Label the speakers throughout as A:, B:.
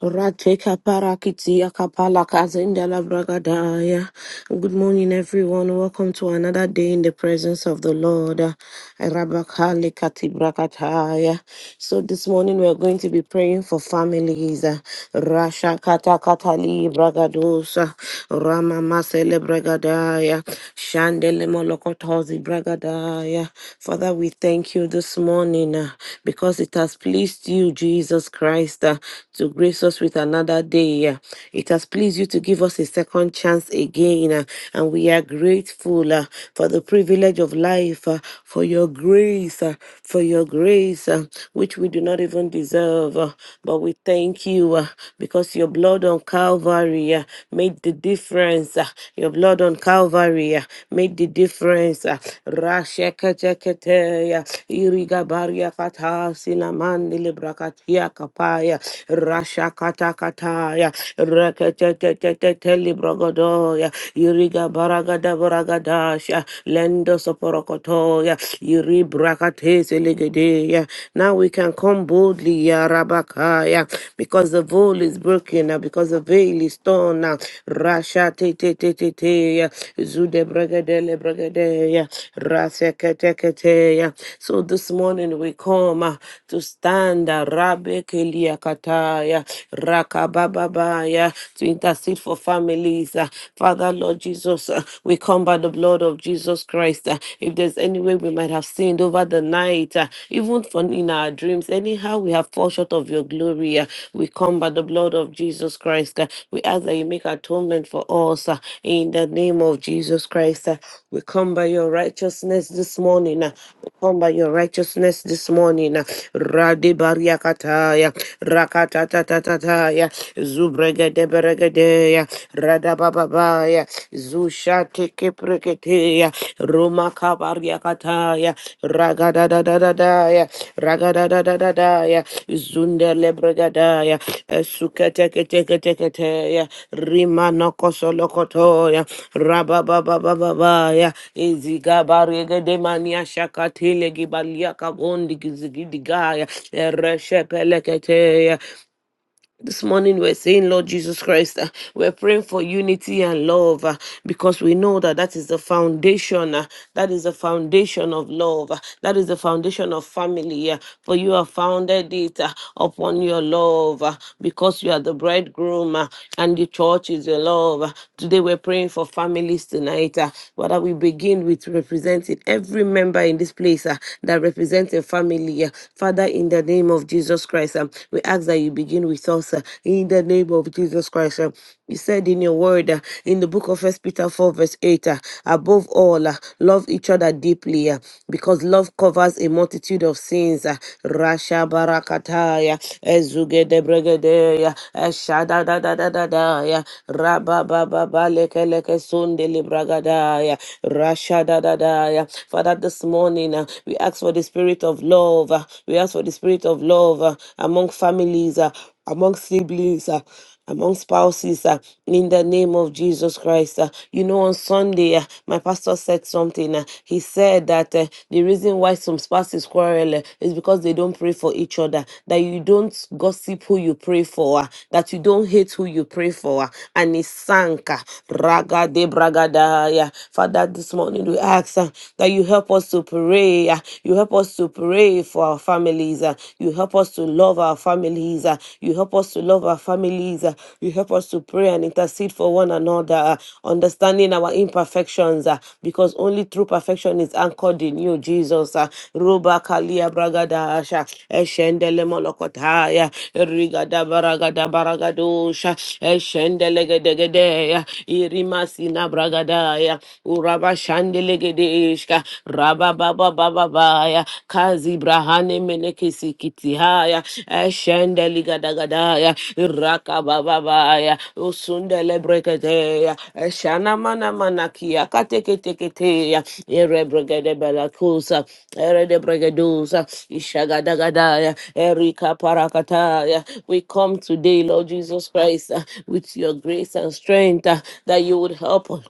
A: Rate kaparakiti kapala kazinda la bragadaya. Good morning, everyone. Welcome to another day in the presence of the Lord. Ah, Rabakali kati brakataya. So this morning we are going to be praying for families. Ah, Rasha kata katali bragadosa. Rama masele bragadaya. Shandele molokotozi bragadaya. Father, we thank you this morning uh, because it has pleased you, Jesus Christ. uh, to grace us with another day. uh, It has pleased you to give us a second chance again, uh, and we are grateful uh, for the privilege of life, uh, for your grace, uh, for your grace, uh, which we do not even deserve. uh, But we thank you uh, because your blood on Calvary uh, made the difference. uh, Your blood on Calvary uh, made the difference. uh, Rashekete- Keteketeya, Iriga Baria Kata, Silamandi Lebrakatia kapaya rasha kata kataya rekete te te te te librogodoya iriga baragada baragadasha lendo soporokotoya iri brakatese legedeya now we can come boldly yarabakaya because the veil is broken now because the veil is torn now rasha te te te te te ya zude bragadele bragadeya rasekete kete ya. so this morning we come uh, to stand Manda Rabe Kelia Kataya Rakabababaya to intercede for families. uh, Father Lord Jesus, uh, we come by the blood of Jesus Christ. uh, If there's any way we might have sinned over the night, uh, even for in our dreams, anyhow we have fall short of your glory. uh, We come by the blood of Jesus Christ. uh, We ask that you make atonement for us uh, in the name of Jesus Christ. uh, We come by your righteousness this morning. uh, We come by your righteousness this morning. Radibariakataya, Rakatatatataya, Zubregedeberegedeya, Radabababaya, zusha Tiki Preketea Roma Zushatekepreketeya, Rumakabariakataya, Ragadadadadadaya, Ragadadadadadaya, Zundelebregadaya, Suketeketeketeketeya, Rimanokosolokotoya, Rabababababaya, Izigabariegedemania Shakatile Gibalia Yakabondi Gizigidigaya, Ereshepeleketeya. This morning we're saying, Lord Jesus Christ, uh, we're praying for unity and love uh, because we know that that is the foundation. uh, that is the foundation of love. uh, that is the foundation of family. uh, for you have founded it uh, upon your love uh, because you are the bridegroom uh, and the church is your love. uh. today we're praying for families tonight. Uh, whether we begin with representing every member in this place uh, that represents a family. uh, Father, in the name of Jesus Christ, um, we ask that you begin with us uh, in the name of Jesus Christ. um, you said in your word uh, in the book of First Peter 4, verse 8, uh, above all, uh, love each other deeply uh, because love covers a multitude of sins. Uh, Rasha barakataya, ezugede bregedeya, eshada da da da da da ya, raba ba ba ba leke leke sunde libragadaya, rasha da da da ya. Father, this morning uh, we ask for the spirit of love. uh, we ask for the spirit of love uh, among families, uh, among siblings. uh, among spouses uh, in the name of Jesus Christ. uh. you know, on Sunday, uh, my pastor said something. uh, he said that uh, the reason why some spouses quarrel uh, is because they don't pray for each other, that you don't gossip who you pray for, uh, that you don't hate who you pray for. uh, and he sank. Uh, raga de bragadaya. Father, this morning, we we ask uh, that you help us to pray. uh, You help us to pray for our families. uh, You help us to love our families. uh, You help us to love our families. uh, You help us to pray and intercede for one another, uh, understanding our imperfections uh, because only true perfection is anchored in you, Jesus. uh, Ruba kalia bragada asha, eshendele molokotaya, rigada baragada baragadosha, eshendele gedegede, uh, bragadaya. Uraba Shandelegedeshka, Raba Baba Baba Baya, Kazi Brahane Menekisikitihaya, Eshendeligadagada, Raka Baba Baya, Usundele Breketeya, Eshana Mana Manakia, Kateketeketeya, Erebregede Belacusa, Eredebregedusa, Ishagadagadaya, Erika Parakataya. We come today, Lord Jesus Christ, uh, with your grace and strength uh, that you would help us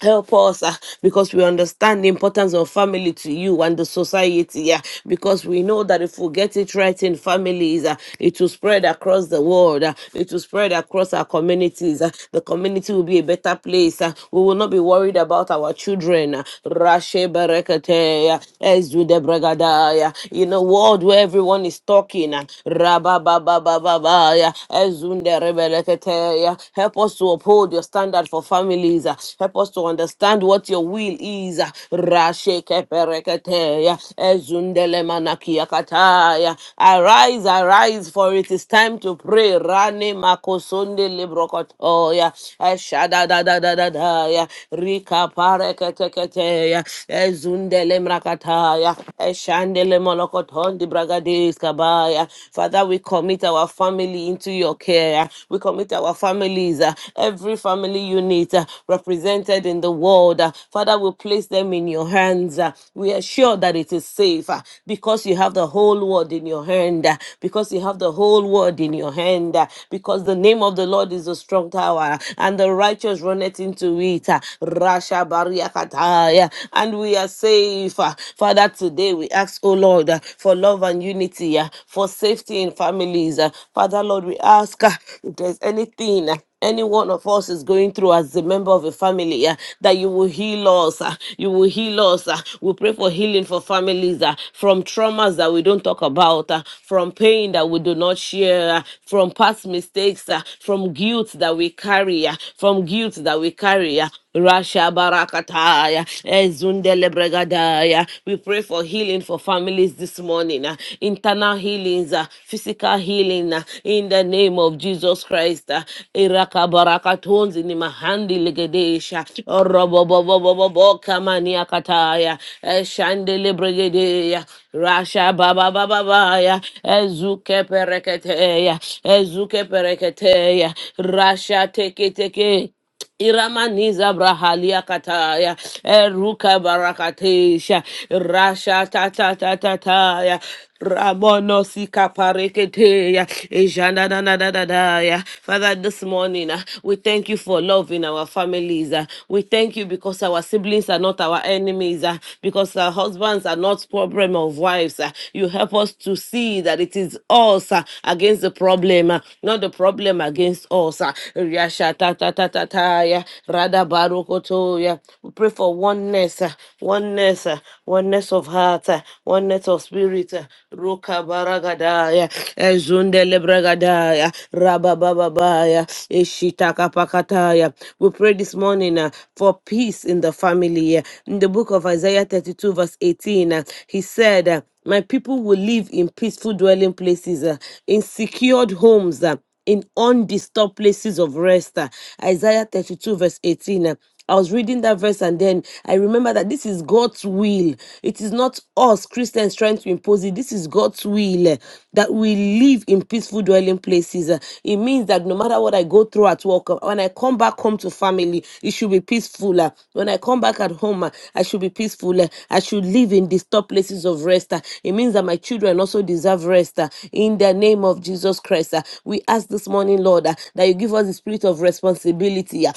A: Help us ah, because we understand the importance of family to you and the society. Yeah, because we know that if we get it right in families, ah, it will spread across the world. ah, it will spread across our communities. ah, the community will be a better place. ah, we will not be worried about our children. ah. Rashe berekete, yeah, Ezude bregada, yeah. In a world where everyone is talking, ah, rabababababa, yeah, Ezunde rebelekete, yeah. help us to uphold your standard for families. ah, Help us to to understand what your will is. Rasheke pereketeya, ezundele manakia kataya. Arise, arise, for it is time to pray. Rane makosonde librokotoya, eshada da da da da da ya, rika pareketeketeya, ezundele mrakataya, eshandele molokotondi bragadeis kabaya. Father, we commit our family into your care. We commit our families, uh, every family unit uh, represented scattered in the world. Uh, Father, we place them in your hands. Uh, We are sure that it is safe uh, because you have the whole world in your hand, uh, because you have the whole world in your hand, uh, because the name of the Lord is a strong tower uh, and the righteous runneth into it. uh, Rasha Bariakataya, and we are safe. uh. Father, today we ask, oh Lord, uh, for love and unity, uh, for safety in families. uh. Father, Lord, we ask uh, if there's anything. uh, any one of us is going through as a member of a family, yeah, that you will heal us. ah, you will heal us. ah. we pray for healing for families ah, from traumas that we don't talk about, ah, from pain that we do not share, ah, from past mistakes, ah, from guilt that we carry, ah, from guilt that we carry. ah. Rasha Barakataya, Ezundele Bregadaya. We pray for healing for families this morning, ah, internal healings, ah, physical healing, uh, uh, in the name of Jesus Christ. uh, Irakabarakatonzi ni mahandi legedesha. Orobobobobobo kamani akataya. Eshandele bregedeya. Rasha baba baba baya. Ezuke pereketeya. Ezuke pereketeya. Rasha teke teke. Iramaniza brahalia kataya, eruka barakatesha, rasha tata tataya, rabono sika pareketeya, ejana na na na na na ya. Father, this morning, uh, we thank you for loving our families. uh. We thank you because our siblings are not our enemies, uh, because our husbands are not problem of wives. uh. You help us to see that it is us uh, against the problem, uh, not the problem against us. Uh, Yasha Yashatatataya Rada Barukotoya. We pray for oneness, uh, oneness, uh, oneness of heart, uh, oneness of spirit. uh, Ruka Baragadaya Ezundele Bragadaya Rabba Bababaya Ishitaka Pakataya. We pray this morning uh, for peace in the family. uh, In the book of Isaiah 32, verse 18, uh, he said, uh, My people will live in peaceful dwelling places, uh, in secured homes. uh, in undisturbed places of rest. uh, Isaiah 32, verse 18. uh, I was reading that verse and then I remember that this is God's will. It is not us Christians trying to impose it. This is God's will uh, that we live in peaceful dwelling places. uh. It means that no matter what I go through at work, uh, when I come back home to family, it should be peaceful. uh. When I come back at home, uh, I should be peaceful. uh. I should live in disturbed places of rest. uh. It means that my children also deserve rest uh, in the name name of Jesus Christ. ah, We ask this morning, Lord, ah, that you give us the spirit of responsibility. ah,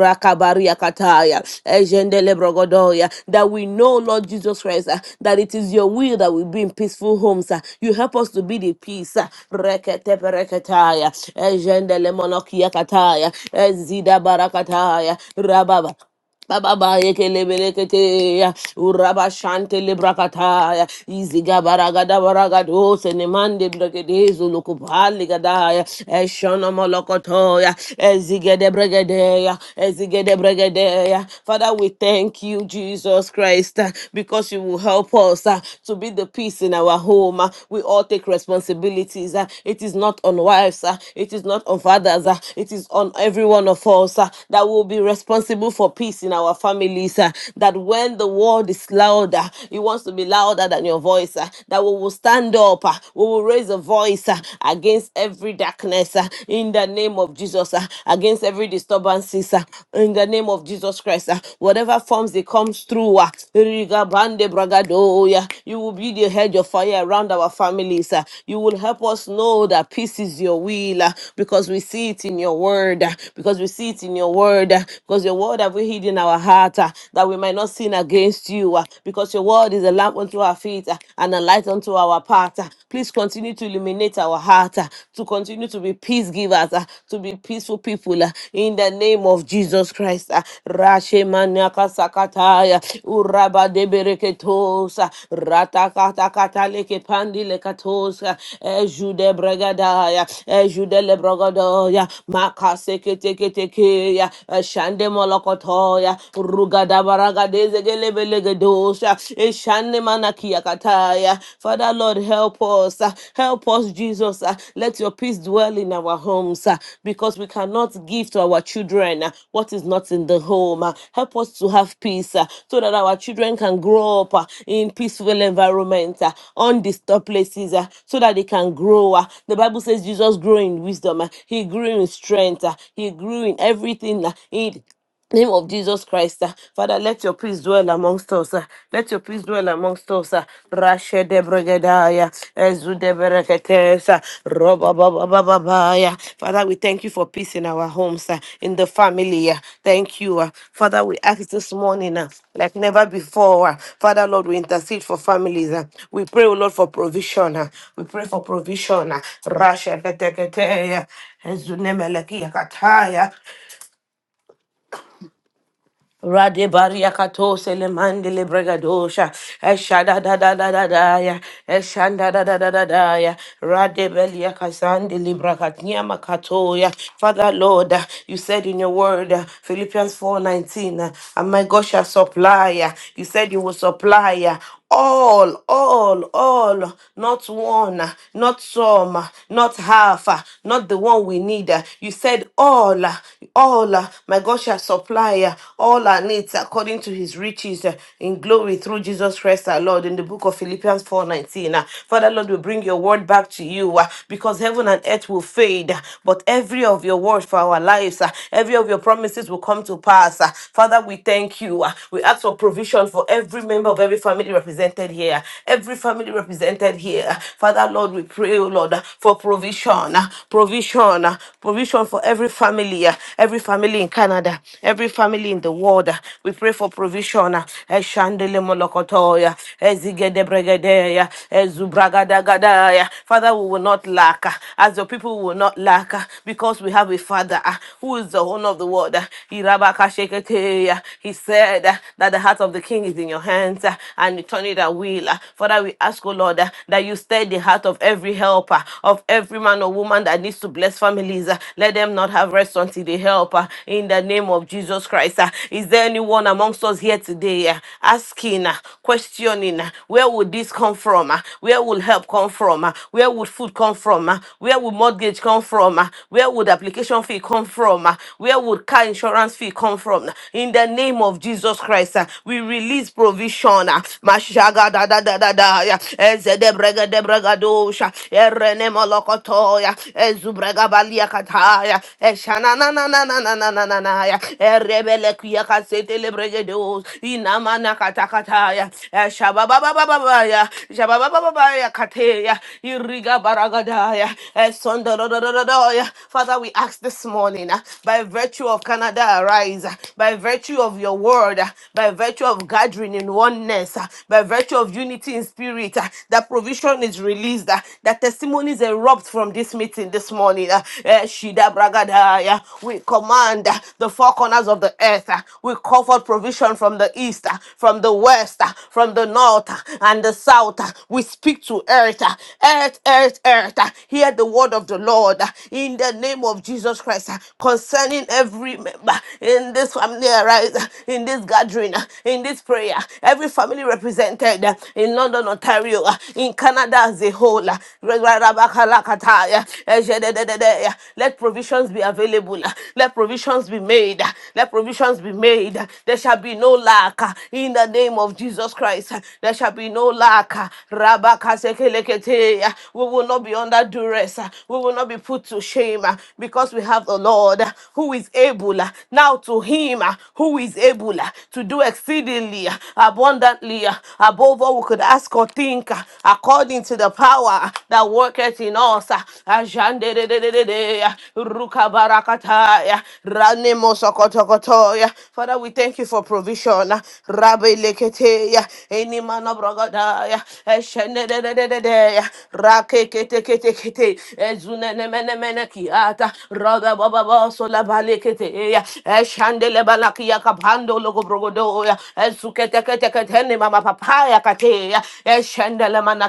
A: Rakabariakataya, Ejendelebrogodoya, That we know, Lord Jesus Christ, ah, that it is your will that we be in peaceful homes. ah. You help us to be the peace. ah, Reketepereketaya, Ejendelemonokiakataya, Ezidabarakataya, Rababa. Baba yekelebelekete uraba shante lebrakata ya iziga baragada baragado senemande bregede zulukupali gada ya eshona molokoto ya ezigede bregede ya ezigede bregede ya Father we thank you Jesus Christ uh, because you will help us uh, to be the peace in our home uh. we all take responsibilities uh. it is not on wives uh, it is not on fathers uh, it is on every one of us uh, that will be responsible for for peace in our families. uh, that when the world is louder, it wants to be louder than your voice. uh, that we will stand up, uh, we will raise a voice uh, against every darkness uh, in the name of Jesus, uh, against every disturbances uh, in the name of Jesus Christ. uh, whatever forms it comes through, uh, Rigabande Bragadoya, you will be the hedge of fire around our families. uh, you will help us know that peace is your will uh, because we see it in your word, uh, because we see it in your word, uh, because your word Lord, have we hid in our heart uh, that we might not sin against you? uh, because your word is a lamp unto our feet uh, and a light unto our path. uh. please continue to illuminate our heart, uh, to continue to be peace givers, uh, to be peaceful people. uh, in the name of Jesus Christ. uh. Rashe maniaka sakataya, uraba debereketosa, ratakatakata leke pandi lekatosa, ejude bregadaya, ejude lebrogadaya, makaseke teke teke ya, shande mo molokotoya rugada baragadeze gelebelegedosha eshane manakia kataya father lord help us uh, help us jesus uh, let your peace dwell in our homes uh, because we cannot give to our children uh, what is not in the home uh, help us to have peace uh, so that our children can grow up uh, in peaceful environment uh, undisturbed places uh, so that they can grow uh. the bible says jesus grew in wisdom uh, he grew in strength uh, he grew in everything uh, Name of Jesus Christ, ah. Father, let your peace dwell amongst us. ah. Let your peace dwell amongst us. Rashe de Bregadaya, Ezu Bereketesa, Roba Baba Baba Baya. Father, we thank you for peace in our homes, ah, in the family. ah. Thank you. ah. Father, we ask this morning, ah, like never before. ah. Father, Lord, we intercede for families. ah. We pray, oh Lord, for provision. ah. We pray for provision. ah. Rashe de Teketeya, Ezu Melekia Kataya. Rade baria kato sele mandele bregadosha. Eshada da da da da da ya. Eshanda da da da da da ya. Rade belia kasande librakatnia makato ya. Father Lord, uh, you said in your word, uh, Philippians 4.19, uh, and my God shall supply. uh, You said you will supply. uh, all, all, all, not one, not some, not half, not the one we need. You said all, all, my God shall supply all our needs according to his riches in glory through Jesus Christ our Lord in the book of Philippians 4.19. Father Lord, we bring your word back to you uh, because heaven and earth will fade, uh, but every of your words for our lives, uh, every of your promises will come to pass. uh. Father, we thank you. uh. We ask for provision for for every member of every family represented here, every family represented here. Father, Lord, we pray, oh Lord, for provision, uh, provision, uh, provision for every family, uh, every family in Canada, every family in the world. uh, We pray for provision. uh, Eshandele molokotoya, ezigedebrigedeya, ezubragadagada. Father, we will not lack, uh, as your people will not lack, uh, because we have a Father uh, who is the owner of the world. uh, Irabakasheketeya. He said, declared uh, that the heart of the king is in your hands uh, and you turn it at will. Uh, Father, we ask, O Lord, uh, that you stir the heart of every helper, of every man or woman that needs to bless families. uh, Let them not have rest until they help uh, in the name of Jesus Christ. uh. Is there anyone amongst us here today uh, asking, uh, questioning, uh, where would this come from? uh, Where will help come from? uh, Where would food come from? uh, Where would mortgage come from? uh, Where would application fee come from? uh, Where would car insurance fee come come from. In the name of Jesus Christ, uh, we release provision. uh, Mashaga da da da da da ya. Ezedebrega debrega dosha. Erene molokotoya. Ezubrega balia kataya. Eshana na na na na na na na na na ya. Erebele kuya kasete lebrega dos. Inamana katakataya. Eshababa ba ba ba ba ya. Shababa ba ba ba ya kateya. Iriga baragadaya. Esondorodododoya. Father, we ask this morning uh, by by virtue of Canada Arise, by virtue of your word, by virtue of gathering in oneness, by virtue of unity in spirit, that provision is released, that testimonies erupt from this meeting this morning. Eh, Shida Bragadaya. We command the four corners of the earth, we call for provision from the east, from the west, from the north, and the south. We speak to earth, earth, earth, earth. Hear the word of the Lord in the name of Jesus of Jesus Christ uh, concerning every member in this family arise, uh, in this gathering, uh, in this prayer, every family represented uh, in London, Ontario, uh, in Canada as a whole. uh, Rabakalakataya, Ejedededede. Let provisions be available. uh, Let provisions be made. uh, Let provisions be made. uh, There shall be no lack uh, in the name of Jesus Christ. uh, There shall be no lack. uh, Rabakasekelekete. uh, We will not be under duress. uh, We will not not be put to shame uh, because we have the Lord uh, who is able uh, now to him uh, who is able uh, to do exceedingly uh, abundantly uh, above all we could ask or think uh, according to the power uh, that worketh in us. uh, Ajandedededede, uh, Rukabarakataya, Ranemosokotokotoya. Father, we thank you for provision. uh, Rabeleketeya, Inimanobrogodaya, Eshenedededede, Rakekete kete kete kete ezune ne mene mene kiata roda baba boso la bale kete e, ya eshande le bala kia kapando logo brogodo ya ezukete kete kete ne mama papa ya kate ya eshande le mana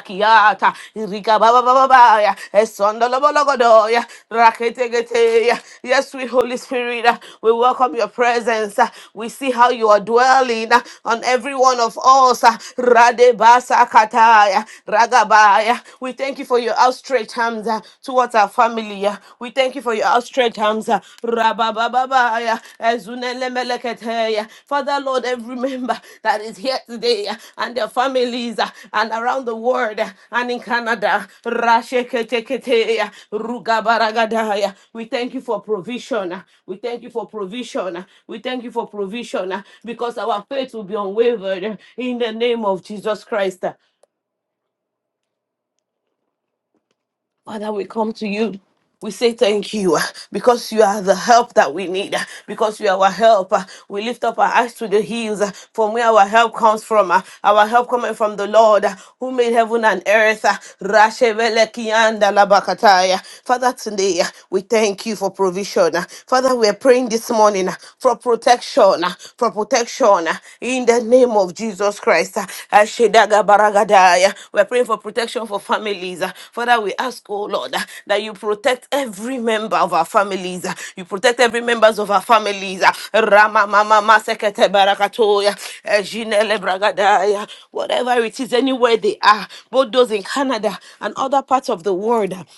A: irika baba baba baba ya esondo lo bologo ya rakete kete ya yes sweet holy spirit uh, we welcome your presence uh, we see how you are dwelling uh, on every one of us uh, rade basa kataya yeah. We thank you for your outstretched hands uh, towards our family. Yeah. We thank you for your outstretched hands. uh, Rabababa, yeah. Ezunelemelekete, yeah. Father, Lord, every member that is here today yeah, and their families uh, and around the world uh, and in Canada. Rasheketekete, yeah. Rugabaragada, yeah. We thank you for provision. uh, We thank you for provision. uh, We thank you for provision uh, because our faith will be unwavered uh, in the name of Jesus Christ. uh. Father, we come to you. We say thank you uh, because you are the help that we need, uh, because you are our help. uh. We lift up our eyes to the hills uh, from where our help comes from. uh, Our help coming from the Lord uh, who made heaven and earth. uh. Rashevelekianda labakataya. Father, today uh, we thank you for provision. uh. Father, we are praying this morning uh, for protection, uh, for protection protection uh, in the name of Jesus Christ. uh, Ashedaga Baragadaya. We're praying for protection for families. uh, Father, we ask, oh Lord, uh, that you protect every member of our families. uh, You protect every members of our families. uh, Rama Mama Masekete Barakatoya. eh, Jinele, Bragadaya. Whatever it is, anywhere they are, both those in Canada and other parts of the world. uh,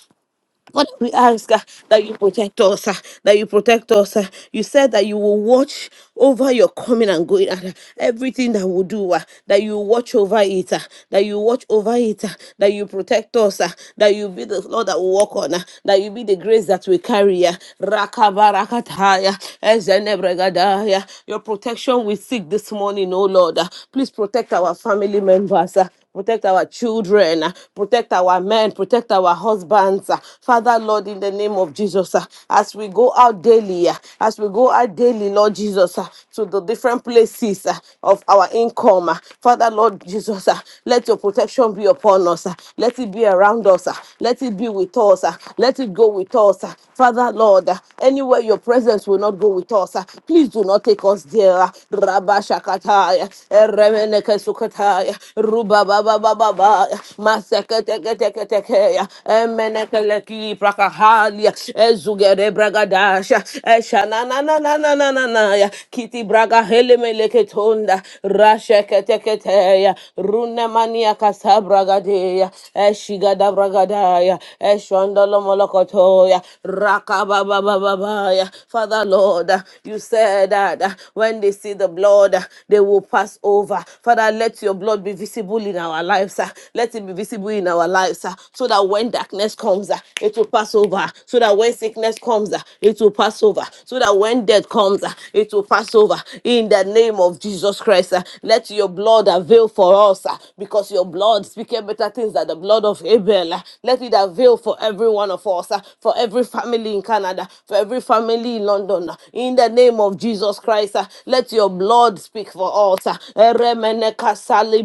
A: Father, we ask uh, that you protect us, uh, that you protect us. uh. You said that you will watch over your coming and going, and uh, everything that we do, uh, that you watch over it, uh, that you watch over it, uh, that you protect us, uh, that you be the Lord that we walk on, uh, that you be the grace that we carry. uh. Rakabarakataya, ezenebregadaya. Your protection we seek this morning, oh Lord. uh. Please protect our family members. uh protect our children, uh, protect our men, protect our husbands. uh. Father, Lord, in the name of Jesus, uh, as we go out daily, uh, as we go out daily, Lord Jesus, uh, to the different places uh, of our income, uh, Father, Lord Jesus, uh, let your protection be upon us. uh, Let it be around us. uh, Let it be with us. uh, Let it go with us. uh. Father, Lord, uh, anywhere your presence will not go with us, uh, please do not take us there. uh, Rabba Shaka Shakataya, Eremeneke Sukataya, Ruba Baba Baba Baya, Maseke Teke Teke Tekeya, Emeneke Leki Prakahalia, Ezugere Bragadasha, Eshanana na na na na na na ya, Kiti Braga Helemeleke Tonda, Rasheke Teke Teya, Runa Mania Casabragadeya, Eshigada Bragadaya, Eshondolo Molokotoya, Raka Baba Baba Baya, Father Lord. Lord. You said that uh, when they see the blood, uh, they will pass over. Father, let your blood be visible in our lives. uh, Let it be visible in our lives uh, so that when darkness comes, uh, it will pass over. So that when sickness comes, uh, it will pass over. So that when death comes, uh, it will pass over. In the name of Jesus Christ, uh, let your blood avail for us uh, because your blood speaks better things than the blood of Abel. uh, Let it avail for every one of us. uh, Jesus, ah, for every family in Canada, for every family in London. ah, In the name of Jesus Christ, ah, let your blood speak for us. ah. Eremene kasali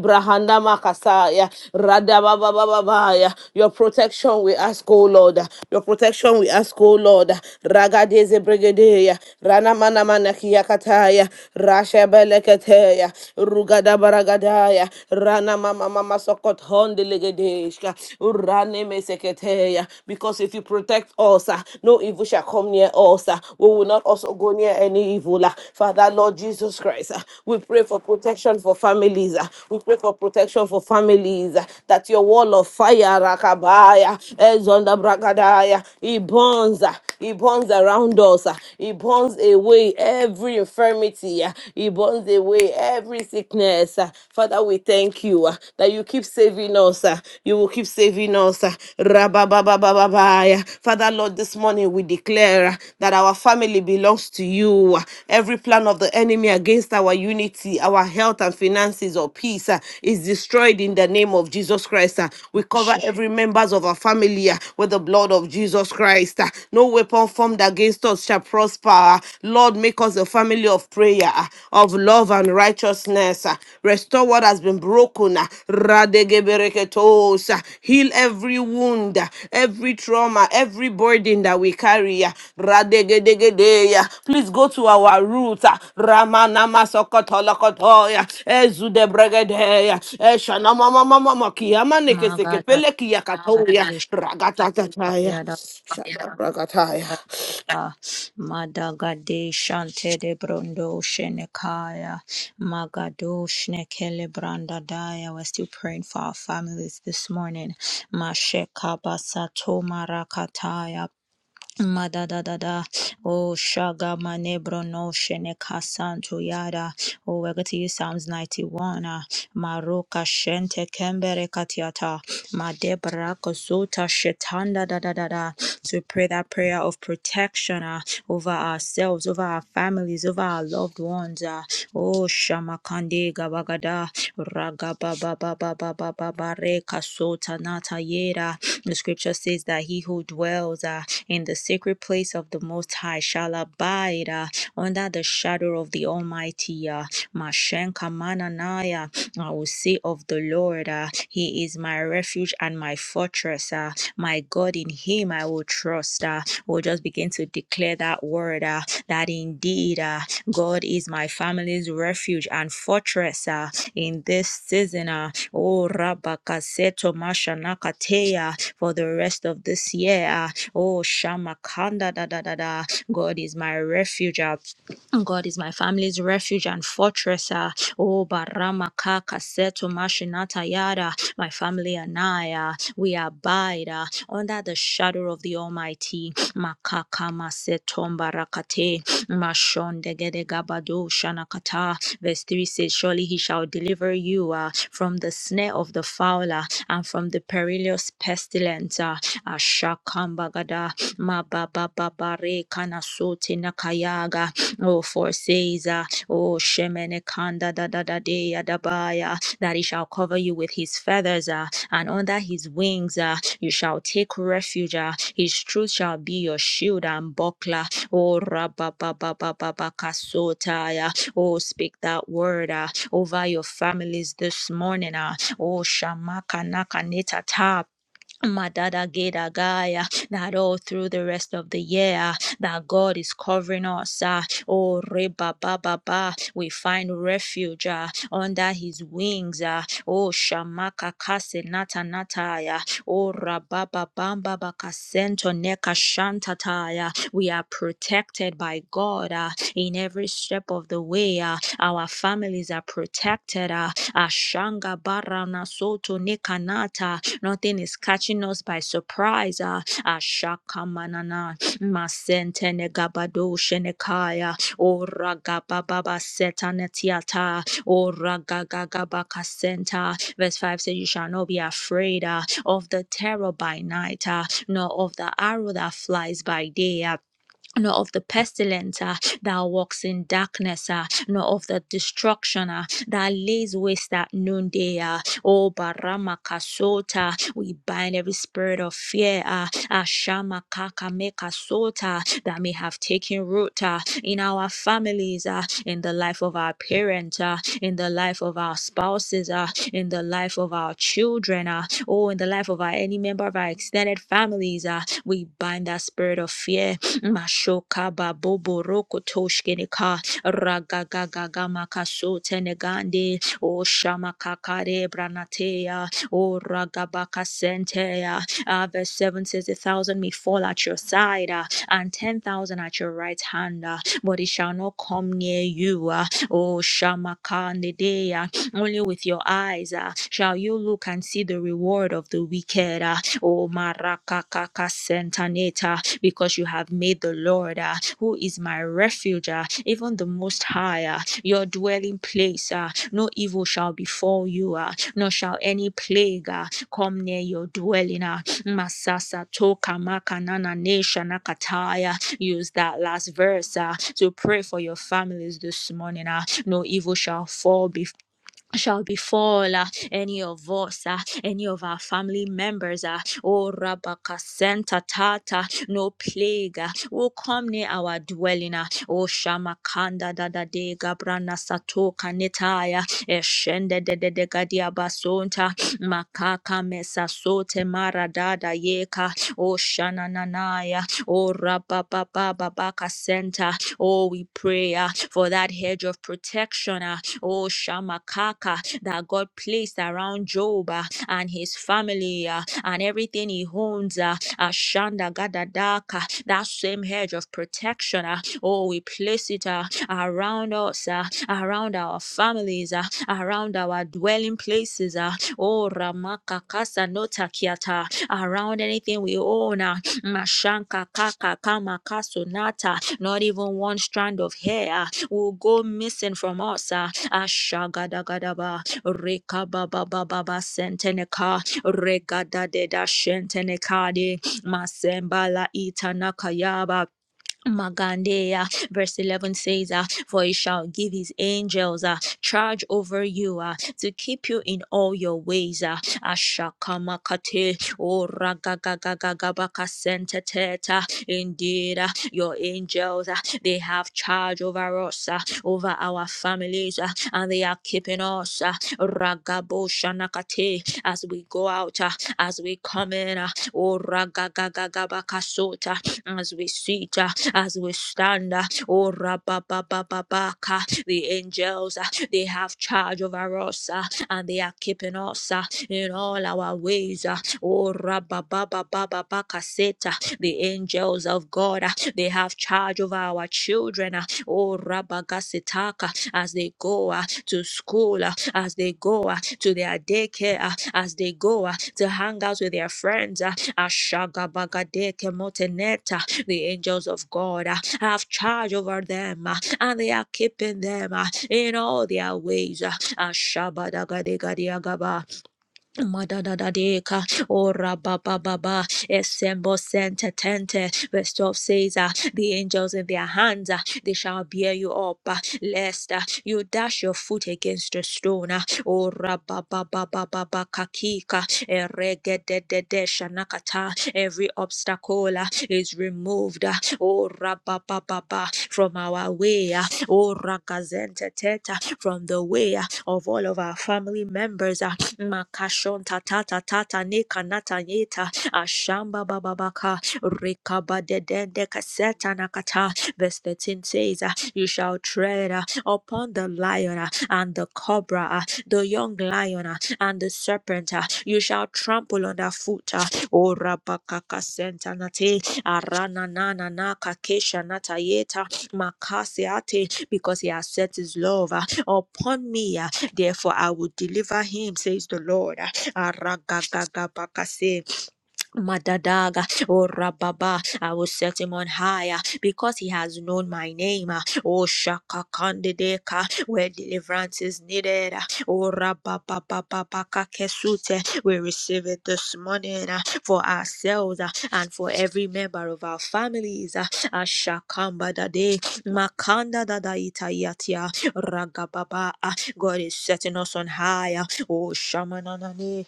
A: kasaya, radababababaya. Your protection we ask, O Lord. ah. Your protection we ask, O Lord. ah. Ragadeze bregedeya, ranamanamanakiyakataya, rashebeleketeya, rugadabaragadaya, ranamamamasokothondilegede. Kadeshka, Urane Meseketeya. Because if you protect us, ah, no evil shall come near us. ah. We will not also go near any evil. ah. Father, Lord Jesus Christ, ah, we pray for protection for families. ah. We pray for protection for families. ah, That your wall of fire, Rakabaya, Ezonda Brakadaya, it burns. ah. He burns around us. ah. He burns away every infirmity. ah. He burns away every sickness. ah. Father, we thank you ah, that you keep saving us. ah. You will keep saving us. ah. Rabababababaya. Father, Lord, this morning we declare ah, that our family belongs to you. ah. Every plan of the enemy against our our unity, our health and finances or peace uh, is destroyed in the name of Jesus Christ. uh. We cover
B: Shit,
A: every members of our family uh, with the blood of Jesus Christ. uh. No weapon formed against us shall prosper. uh. Lord, make us a family of prayer, uh, of love and righteousness. uh. Restore what has been broken. uh. Radegebereketo souls. uh, Heal every wound, uh, every trauma, every burden that we carry. uh, radegedegede, uh, Please go to our roots. uh, Ramanama sokotolokoto, uh, ezudebregede, uh, eshanamamamamamaki,
B: Magadadadish,
A: ragatatataya,
B: Bayadabadada,
A: shadabragataya.
B: Madagadesh, Antede Brondo, Shenekaya, Magadosh, Nekele Brandadaya. We're still praying for our families this morning. Mashekabasa Mada da da da, Oh, Shaga Manebro no shene Santo Yada. Oh, we're going to use Psalms 91. ah. Maruka Shente Kembere Katiata. Madebra Kosuta Shetanda da da da da, To pray that prayer of protection ah, over ourselves, over our families, over our loved ones. ah. Oh, Shamakande Gabagada. Raga ba ba ba ba ba ba ba ba Reka Sota Nata yeda. The scripture says that he who dwells uh, in the sacred place of the Most High shall abide uh, under the shadow of the Almighty. Uh, Mashenka mananaya. I will say of the Lord, uh, He is my refuge and my fortress. Uh, my God, in Him I will trust. Uh, we'll just begin to declare that word uh, that indeed uh, God is my family's refuge and fortress uh, in this season. Uh, oh, Rabakaseto Mashanakateya for the rest of this year. Uh, oh, Shamakanda da da da da. God is my refuge. uh, God is my family's refuge and fortress. ah. Oh, Barama Kaka Mashinata Yada, my family and I, ah, we abide ah, under the shadow of the Almighty. Makaka Masetom Barakate, Mashonde Gede Gabado Shanakata. Verse 3 says, Surely he shall deliver you ah, from the snare of the fowler and from the perilous pestilence. ah. Ashakambagada, Mababa Kanasote Nakayaga. Oh, for it says, uh, oh, Shemene Kanda da da da de adabaya, that he shall cover you with his feathers, uh, and under his wings uh, you shall take refuge. uh, his truth shall be your shield and buckler. Oh, rabba ba ba ba ba ba kasota, yeah. Oh, speak that word uh, over your families this morning. Uh, oh, shamaka naka neta Madada Geda Gaya, that all through the rest of the year, that God is covering us. ah. Oh, Reba Baba Ba, we find refuge ah, under His wings. ah. Oh, Shamaka Kase Nata Nataya. Oh, Rababa Bamba Bakasento Neka Shantataya. We are protected by God ah, in every step of the way. ah. Our families are protected. ah. Ashanga Barana Soto Nekanata. Nothing is catching us by surprise. Ah, Ashakamanana Masentene Gabado Shenekaya Ora Gababa Setanetiata Ora Gagagabaka Senta. Verse 5 says, You shall not be afraid ah, of the terror by night, ah, nor of the arrow that flies by day. ah, nor of the pestilence uh, that walks in darkness, uh, nor of the destruction uh, that lays waste at noonday. Uh, oh, Barama Kasota, we bind every spirit of fear, uh, Ashama Kakameka Sota, that may have taken root uh, in our families, uh, in the life of our parents, uh, in the life of our spouses, uh, in the life of our children, uh, or in the life of our any member of our extended families. Uh, we bind that spirit of fear Mashoka babobo roko toshkene ka ragagaga makaso tenegande o shamakakare branatea o ragabaka sentea. Ah, verse 7 says, A thousand may fall at your side ah, and ten thousand at your right hand, ah, but it shall not come near you. ah. O shamakandedea only with your eyes uh, shall you look and see the reward of the wicked. Uh, oh, marakakaka sentaneta, because you have made the Lord, uh, who is my refuge, uh, even the Most High, uh, your dwelling place. uh, no evil shall befall you, uh, nor shall any plague uh, come near your dwelling. Uh, Masasa toka makanana nesha nakataya. Use that last verse uh, to pray for your families this morning. Uh, no evil shall fall before shall befall uh, any of us, uh, any of our family members. Uh, oh, Rabakasenta Tata, no plague uh, will come near our dwelling. Uh, oh, Shamakanda Dada De Gabrana Sato Kanetaya, Eshende De De De Gadia Basonta, Makaka Mesa Sote Mara Dada Yeka, oh, Shanananaya, oh, Rababa Baba Babaka Center. Oh, we pray uh, for that hedge of protection. uh, oh Shamakaka, that God placed around Job uh, and his family uh, and everything he owns. Uh, Ashanda Gadadaka, that same hedge of protection. Uh, oh, we place it uh, around us, uh, around our families, uh, around our dwelling places. Uh, oh, Ramaka Kasa Notakiata, around anything we own. Uh, Mashanka Kaka Kama Kasunata, not even one strand of hair uh, will go missing from us. uh, Ashagadabadaba, Rekabababa Senteneka, Regadadeda Shentenekade, Masembala Itanakayaba. Magandea. Verse 11 says, uh, For he shall give his angels uh, charge over you uh, to keep you in all your ways. Uh, Ashakamakate, oh, ragagagagagabakasenteteta. Indeed, uh, your angels, uh, they have charge over us, uh, over our families, uh, and they are keeping us. Uh, Ragaboshanakate, as we go out, uh, as we come in, uh, oh, ragagagagabakasota, as we sit. uh, as we stand. uh, Oh, rabababababaka. the angels, uh, they have charge over us uh, and they are keeping us uh, in all our ways. uh, Oh, rababababababakaseta. the angels of God, uh, they have charge over our children. uh, Oh, rabagasitaka. as they go uh, to school, uh, as they go uh, to their daycare, uh, as they go uh, to hang out with their friends. uh, Ashagabagadeke moteneta. The angels of God uh, have charge over them uh, and they are keeping them uh, in all their ways. uh, Madadadadeka, oh baba baba, esembo sente tente. Verse 12 says, uh, The angels in their hands, uh, they shall bear you up, uh, lest uh, you dash your foot against a stone. uh. oh baba baba baba kakika, eregededede shanakata. Every obstacle uh, is removed. uh, Ora baba from our way. uh, Ora gazente teta, from the way uh, of all of our family members. Uh, Makashon tata tata tane kanata yeta ashamba bababaka rekaba dedende kaseta nakata. Verse 13 says, uh, You shall tread uh, upon the lion uh, and the cobra, uh, the young lion uh, and the serpent. uh, You shall trample on the foot. uh, O rabaka kasenta nate arana na na na kakesha nata yeta makasi ate because he has set his love uh, upon me. Therefore, I will deliver him, says the Lord. Aragagagabakase. Madadaga, oh Rababa, I will set him on higher because he has known my name. ah. Oh Shaka Kandideka, where deliverance is needed. ah. Oh Rabababababaka Kesute, we receive it this morning ah, for ourselves ah, and for every member of our families. ah. Ah, Shakamba Dade, Makanda Dada Itayatia, Ragababa. ah. God is setting us on higher. Oh Shamananane,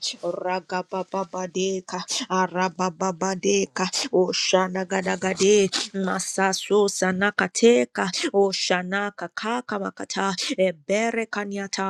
B: deka arababadeka oshanagadagade masaso sanakateka oshanaka kaka makata ebere kaniata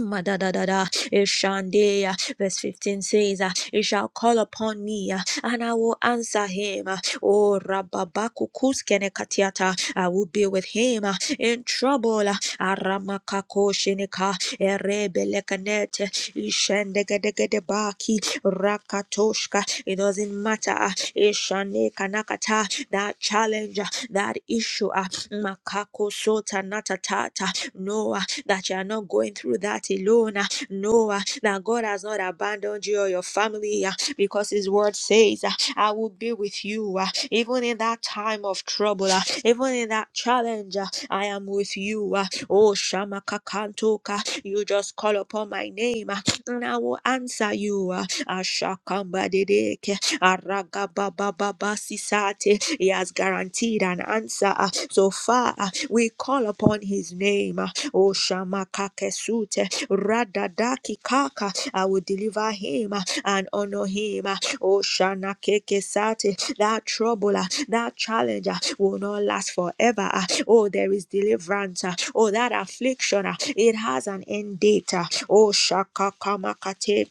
B: Madadadada, Ishandeya. Verse 15 says, uh, He shall call upon me, uh, and I will answer him. Uh, Oh, Rababakukuskenekatiata, I will be with him uh, in trouble. Uh, Aramakakosheneka, Erebelekanete, Ishendegedegedebaki, Rakatoshka. It doesn't matter. uh, Ishanekanakata, That challenge, uh, that issue. uh, Makako Sota Natatata. No, uh, that you are not going through that alone. ah. No, ah, that God has not abandoned you or your family ah, because His word says, ah, I will be with you. ah. Even in that time of trouble, ah, even in that challenge, ah, I am with you. ah. Oh, Shamakakantoka, you just call upon my name ah, and I will answer you. ah. Ashakambadedeke, Aragabababasisate. He has guaranteed an answer. ah. So far, ah, we call upon His name. ah. O Shamakakesute Radadaki Kaka. I will deliver him uh, and honor him. uh, O Shanakekesate. That trouble, uh, that challenger, will not last forever. uh, Oh, there is deliverance. uh, Oh, that affliction, uh, it has an end date. uh, Oh, Shakakamakate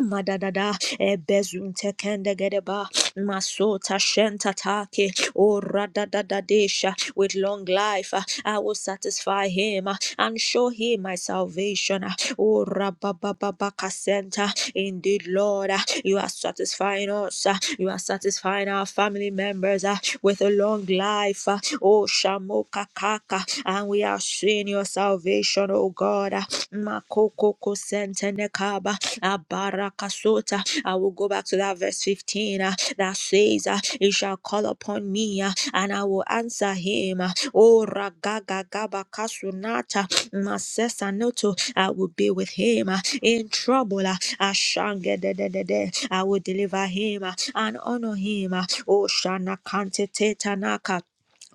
B: Madadada ebezunte kendegereba masota shentatake o radadadadesha with long life uh, I will satisfy him uh, and show him my salvation uh, o rababababakasenta indeed Lord uh, you are satisfying us uh, you are satisfying our family members uh, with a long life uh, o shamoka kaka and we are seeing your salvation O God uh, makoko sentenekaba Abarakasota. I will go back to that verse 15 uh, that says, uh, He shall call upon me uh, and I will answer him. uh, Oh, Ragagagabakasunata, Masesanoto, I will be with him uh, in trouble. uh, Ashangedededede, I will deliver him uh, and honor him. uh, Oh, Shana Kante Tetanaka.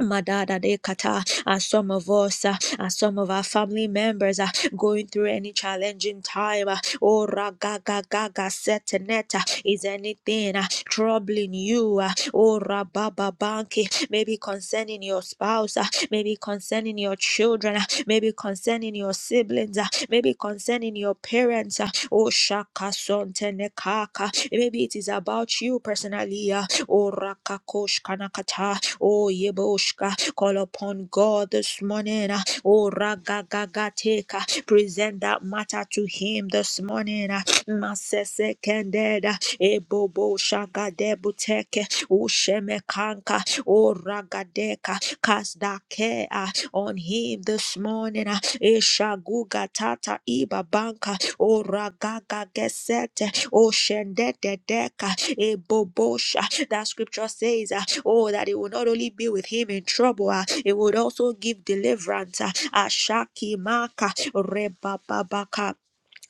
B: Madada de kata, as some of us, uh, as some of our family members are going through any challenging time, uh, oh ragaga gaga gaga seteneta, is anything uh, troubling you, uh, oh rababa banki, maybe concerning your spouse, uh, maybe concerning your children, uh, maybe concerning your siblings, uh, maybe concerning your parents, uh, oh shaka sontenekaka, maybe it is about you personally, uh, oh rakakosh kanakata, Oh, Yeboshka, call upon God this morning. ah. Oh, Ragagateka, present that matter to Him this morning. ah. Masese Kendeda, Ebobo Shagadebuteke, Ushemekanka, O Ragadeka, cast that care ah, on Him this morning. ah. Eshaguga Tata Iba Banka, O ragaga gesete, O shendete deka, E bobosha. That scripture says, uh, oh, that it will not only be with him in trouble, uh, it would also give deliverance. uh, Ashaki maka, rebababaka.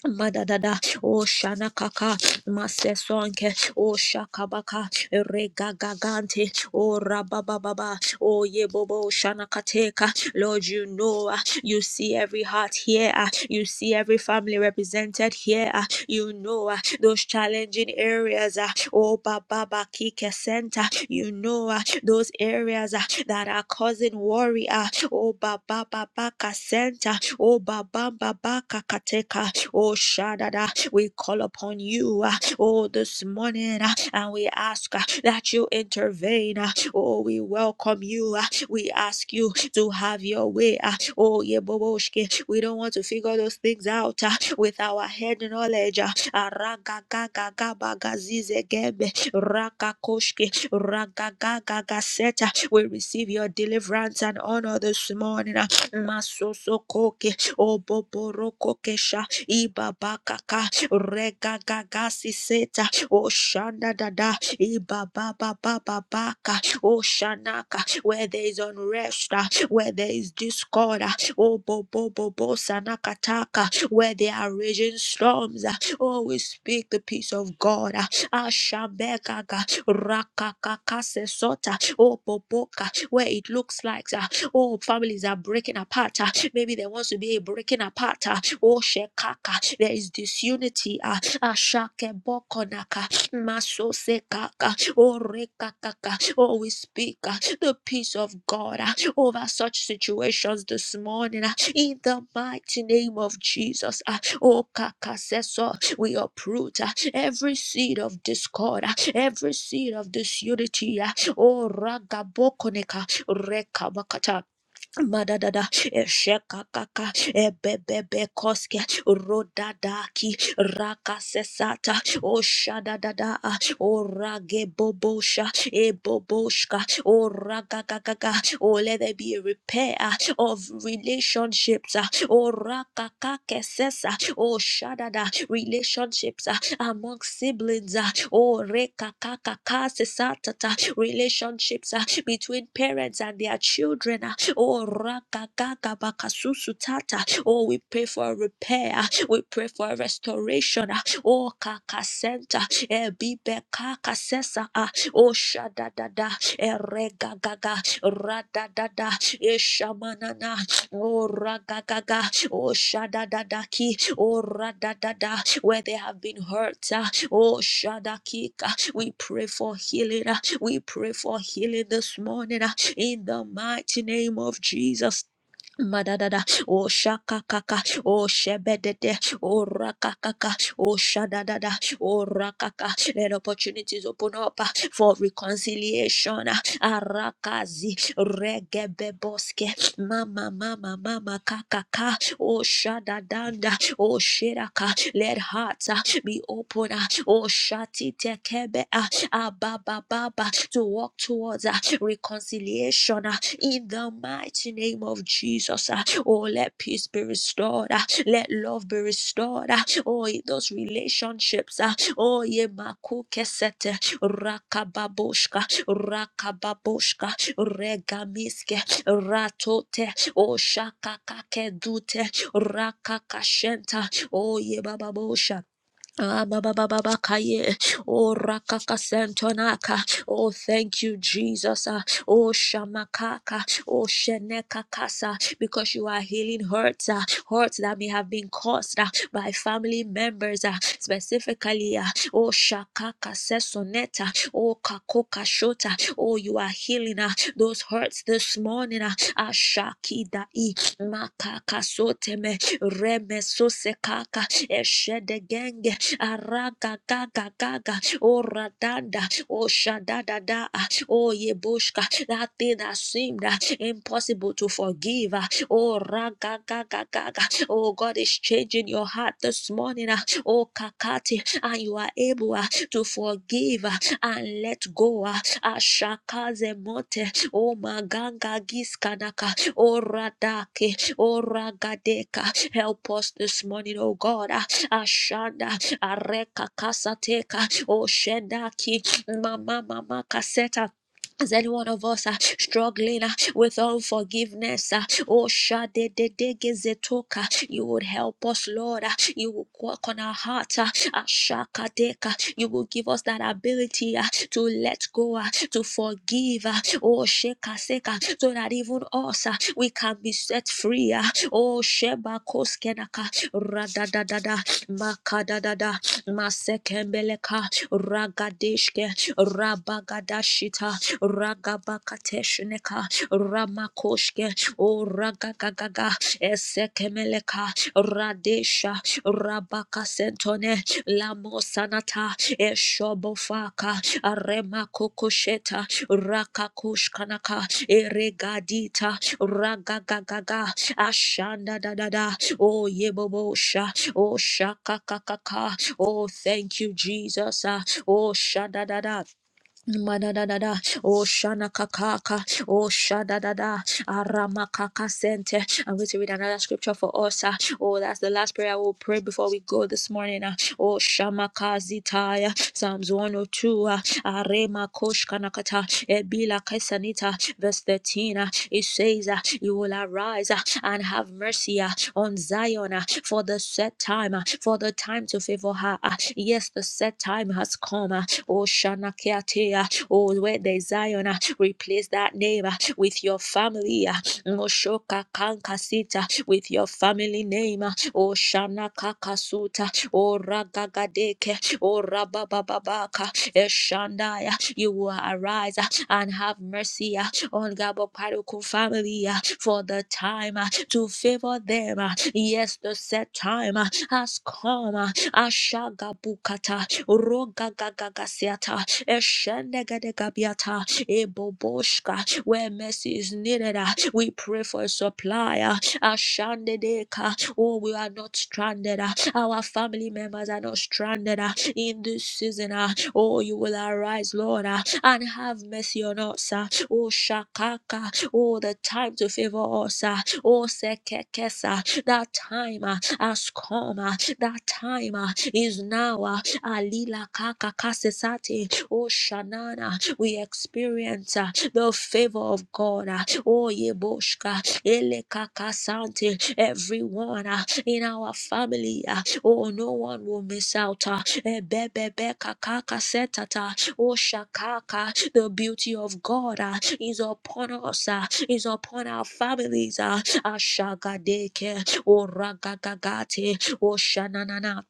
B: Madadada, O Shanakaka, Masesonke, O Shakabaka, Regagagante, O Rabababa, O Yebobo Shanakateka. Lord, you know, uh, you see every heart here, uh, you see every family represented here. ah, you know uh, those challenging areas. uh, Oh, Baba kike Center. You know uh, those areas uh, that are causing worry. uh, Oh, Baba baka Center. Oh, Baba baka Kateka. Oh, Shadada. We call upon you. uh, Oh, this morning. uh, And we ask uh, that you intervene. Uh, Oh, we welcome you. ah. We ask you to have your way. ah. Oh, Yeboboshke, we don't want to figure those things out ah, with our head knowledge. ah. Aragagagagabagazizegembe, rakakoshke, ragagagaseta. We receive your deliverance and honor this morning. ah. Masosokoke, oboborokokesha, ibabakaka, regagasiseta, oshandadada, ibababababaka, oh Shanaka, where there is unrest, ah, where there is discord, ah, oh Bobo Bobo Sanakataka, where there are raging storms, ah, oh we speak the peace of God, ah, Ashambekaga, Rakakakase Sota, oh Boboka, where it looks like ah, oh families are breaking apart, ah, maybe there wants to be a breaking apart, ah, oh Shekaka, there is disunity, ah, Ashake Bokonaka, Maso se kaka, oh re kakaka. Oh, we speak uh, the peace of God uh, over such situations this morning uh, in the mighty name of Jesus. uh, Oh, kakaseso, we uproot uh, every seed of discord, uh, every seed of disunity. uh, Oh, ragabokoneka, rekabakata. Madadada, Eshekakaka, Ebebebekoske, Rodadaki, Rakasesata, Oshadadada, Oragebobosha, Eboboshka, Oragagaga. Oh, let there be a repair of relationships. Orakakakesesa, Oshadada, relationships among siblings, uh, oh, reka kaka kase relationships uh, between parents and their children, uh, oh, raka kaka oh, we pray for repair, uh, we pray for restoration, uh, oh, kaka center, ebibe kaka sesa, uh, oh, shadadada, erega gaga, radadada, eshamanana, oh, ragagaga, oh shadadadaki, oh radadada, where they have been hurt, ah, oh shadakika. We pray for healing, ah. we pray for healing this morning ah, in the mighty name of Jesus. Madadada, oh shaka kaka, oh shebedede, oh rakakaka, oh shadadada, oh rakaka. Let opportunities open up uh, for reconciliation. uh, Arakazi, regebeboske, mama, mama, mama, kakaka. Oh Shadadanda, oh Shiraka, let hearts uh, be open. uh, Oh Shati Tekebe, uh, Ababa Baba, to walk towards uh, reconciliation uh, in the mighty name of Jesus. uh, Oh, let peace be restored. uh, Let love be restored. uh, Oh, in those relationships. uh, Oh, Yemaku Kesete, Rakababoshka, Rakababoshka, Regamiske, Rato O shaka kake dute rakaka rakakashenta. O yebababosha. Ah, ba, ba, ba, ba, ba, kaye. Oh, rakaka sentonaka. Oh, thank you, Jesus. Ah, Oh, shamakaka. Oh, shenekakasa. Because you are healing hurts, ah, hurts that may have been caused ah, by family members, ah, specifically. ah, Oh, shakaka sesoneta. Oh, kakoka shota. Oh, you are healing ah, those hurts this morning. ah. Ah, shakida i makaka soteme reme sosekaka eshedegenge Arakakakakaka. Oh, radanda. Oh, shadadada. Oh, yebushka. That thing that seemed uh, impossible to forgive. uh, Oh, rakakakakaka. Oh, God is changing your heart this morning. uh, Oh, kakati. And you are able uh, to forgive uh, and let go. uh, Ashakaze mote. Oh, maganga giskanaka. Oh, radake. Oh, ragadeka. Help us this morning, oh God. uh, Ashanda areka kasateka oshedaki mama mama kaseta is any one of us uh, struggling uh, with unforgiveness? Uh, oh, shade de de gezetoka. You would help us, Lord. uh, you will work on our heart. Uh, ashakadeka. you will give us that ability uh, to let go, uh, to forgive. Uh, oh, sheka seka. So that even us, uh, we can be set free. Uh, oh, sheba koskenaka. Radadadada makadadada masekembeleka ragadeshke rabagadashita ragabakateshneka ramakoshke o ragagagaga esekemeleka radesha rabakasentone lamosanata eshobofaka remakokosheta rakakoshkanaka eregadita ragagagaga ashanda dadada o yebobosha Oh, shaka kaka ka. Oh, thank you, Jesus. Ah, Oh, shada da da. Madadada, oh shana kakaka, oh shadadada, arama kaka sente. I'm going to read another scripture for us. ah. Oh, that's the last prayer I will pray before we go this morning. ah. Oh shamakazitaya, Psalms 102, ah. arema koshkanakata, ebila kesanita, verse 13. ah. It says, ah, You will arise ah, and have mercy ah, on Zion ah, for the set time, ah, for the time to favor her. ah. Yes, the set time has come. ah. Oh, Shanakiatea. Oh, where there's Zion, ah, replace that name ah, with your family. ah. Moshoka Kankasita with your family name. ah. Oh, Shanakakasuta. Oh, Ragagadeke. Oh, Rababababaka. Eshandaya. You will arise ah, and have mercy ah, on Gaboparuku family ah, for the time ah, to favor them. ah. Yes, the set time ah, has come. uh, ashagabukata rogagagagasiata eshenegadegabiata eboboshka where mercy is needed ah, we pray for a supplier ashandedeka oh we are not stranded ah. our family members are not stranded ah. in this season ah. oh you will arise lord ah, and have mercy on us ah. oh shakaka oh the time to favor us ah. oh sekekesa that time ah, has come. uh, that time uh, is now. uh, Alila kaka kasesate. Oh Shanana, we experience uh, the favor of God. uh, Oh Yeboshka, Ele kaka sante. Everyone uh, in our family. uh, Oh, no one will miss out. uh, Ebebebe kaka kasetata. Oh Shakaka, the beauty of God uh, is upon us, uh, is upon our families. uh, Ashagadeke, O Oh Shananana.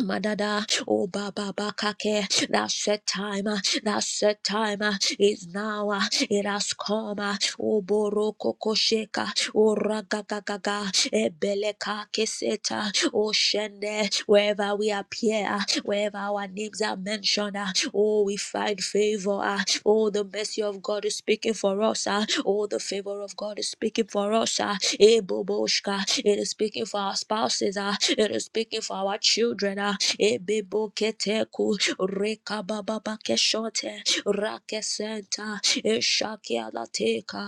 B: Madada, oh Baba Bakake, that set time, uh, that set time uh, is now, uh, it has come, uh, oh Boroko Kosheka, oh Ragagaga, Ebeleka Keseta, oh Shende, wherever we appear, uh, wherever our names are mentioned, uh, oh we find favor, uh, oh the mercy of God is speaking for us, uh, oh the favor of God is speaking for us, uh, eh, Boboshka, it is speaking for our spouses, uh, it is speaking for our children. ah. Ebeboketeku, rekabababakeshote, rakesenta, eshakialateka,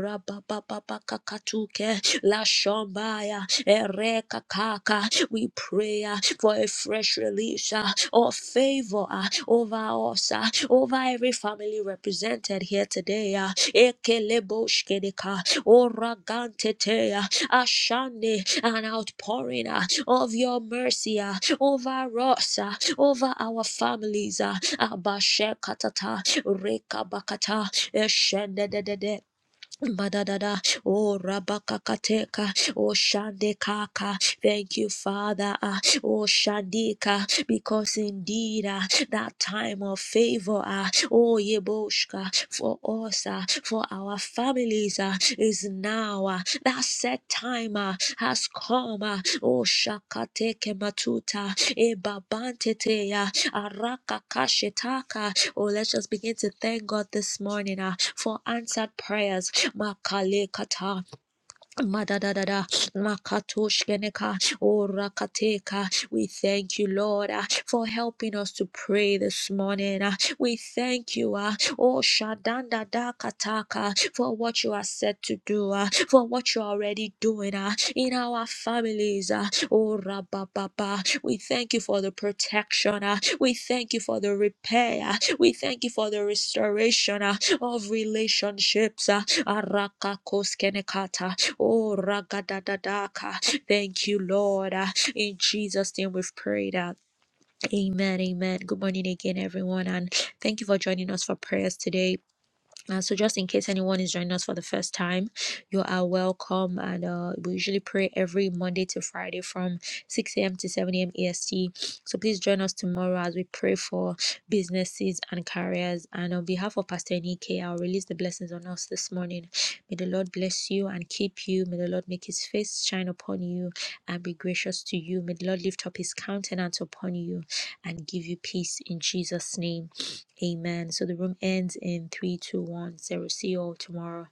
B: rababababakakatuke, lashombaya, erekakaka. We pray ah, for a fresh release ah, of favor ah, over us, ah, over every family represented here today. ah. Ekeleboshkedeka, oragantetea, Ashande, an outpouring uh, of your mercy uh, over us, uh, over our families. uh, Abashekatata, Rekabakata, Eshendedede. Madadada, oh rabakakateka, oh shandekaka, Thank you, Father. Ah, Oh, Shandika, because indeed ah, that time of favor, ah, oh, Yeboshka, for us, ah, for our families, ah, is now. ah, That set time ah, has come. ah, Oh, Shakateke Matuta, Ebabantete, ah, Araka Kashetaka. Oh, let's just begin to thank God this morning ah, for answered prayers. Makale Madadadada, makatoshkeneka, orakateka. We thank you, Lord, uh, for helping us to pray this morning. uh. We thank you, uh, oh Shadandadakataka, for what you are set to do, uh, for what you are already doing uh, in our family families. uh, Oh, Rabba We thank you for the protection. uh, We thank you for the repair. uh, We thank you for the restoration uh, of relationships. uh, Arakakoskenekata. Oh, Ragadadadaka. Thank you, Lord. uh, In Jesus' name we've prayed. uh, Amen. Amen. Good morning again, everyone. And thank you for joining us for prayers today. Uh, so, just in case anyone is joining us for the first time, you are welcome. And uh, we usually pray every Monday to Friday from 6 a.m. to 7 a.m. EST. So, please join us tomorrow as we pray for businesses and careers. And on behalf of Pastor Enike, I'll release the blessings on us this morning. May the Lord bless you and keep you. May the Lord make his face shine upon you and be gracious to you. May the Lord lift up his countenance upon you and give you peace in Jesus' name. Amen. So the room ends in three, two, one, zero. see you all tomorrow.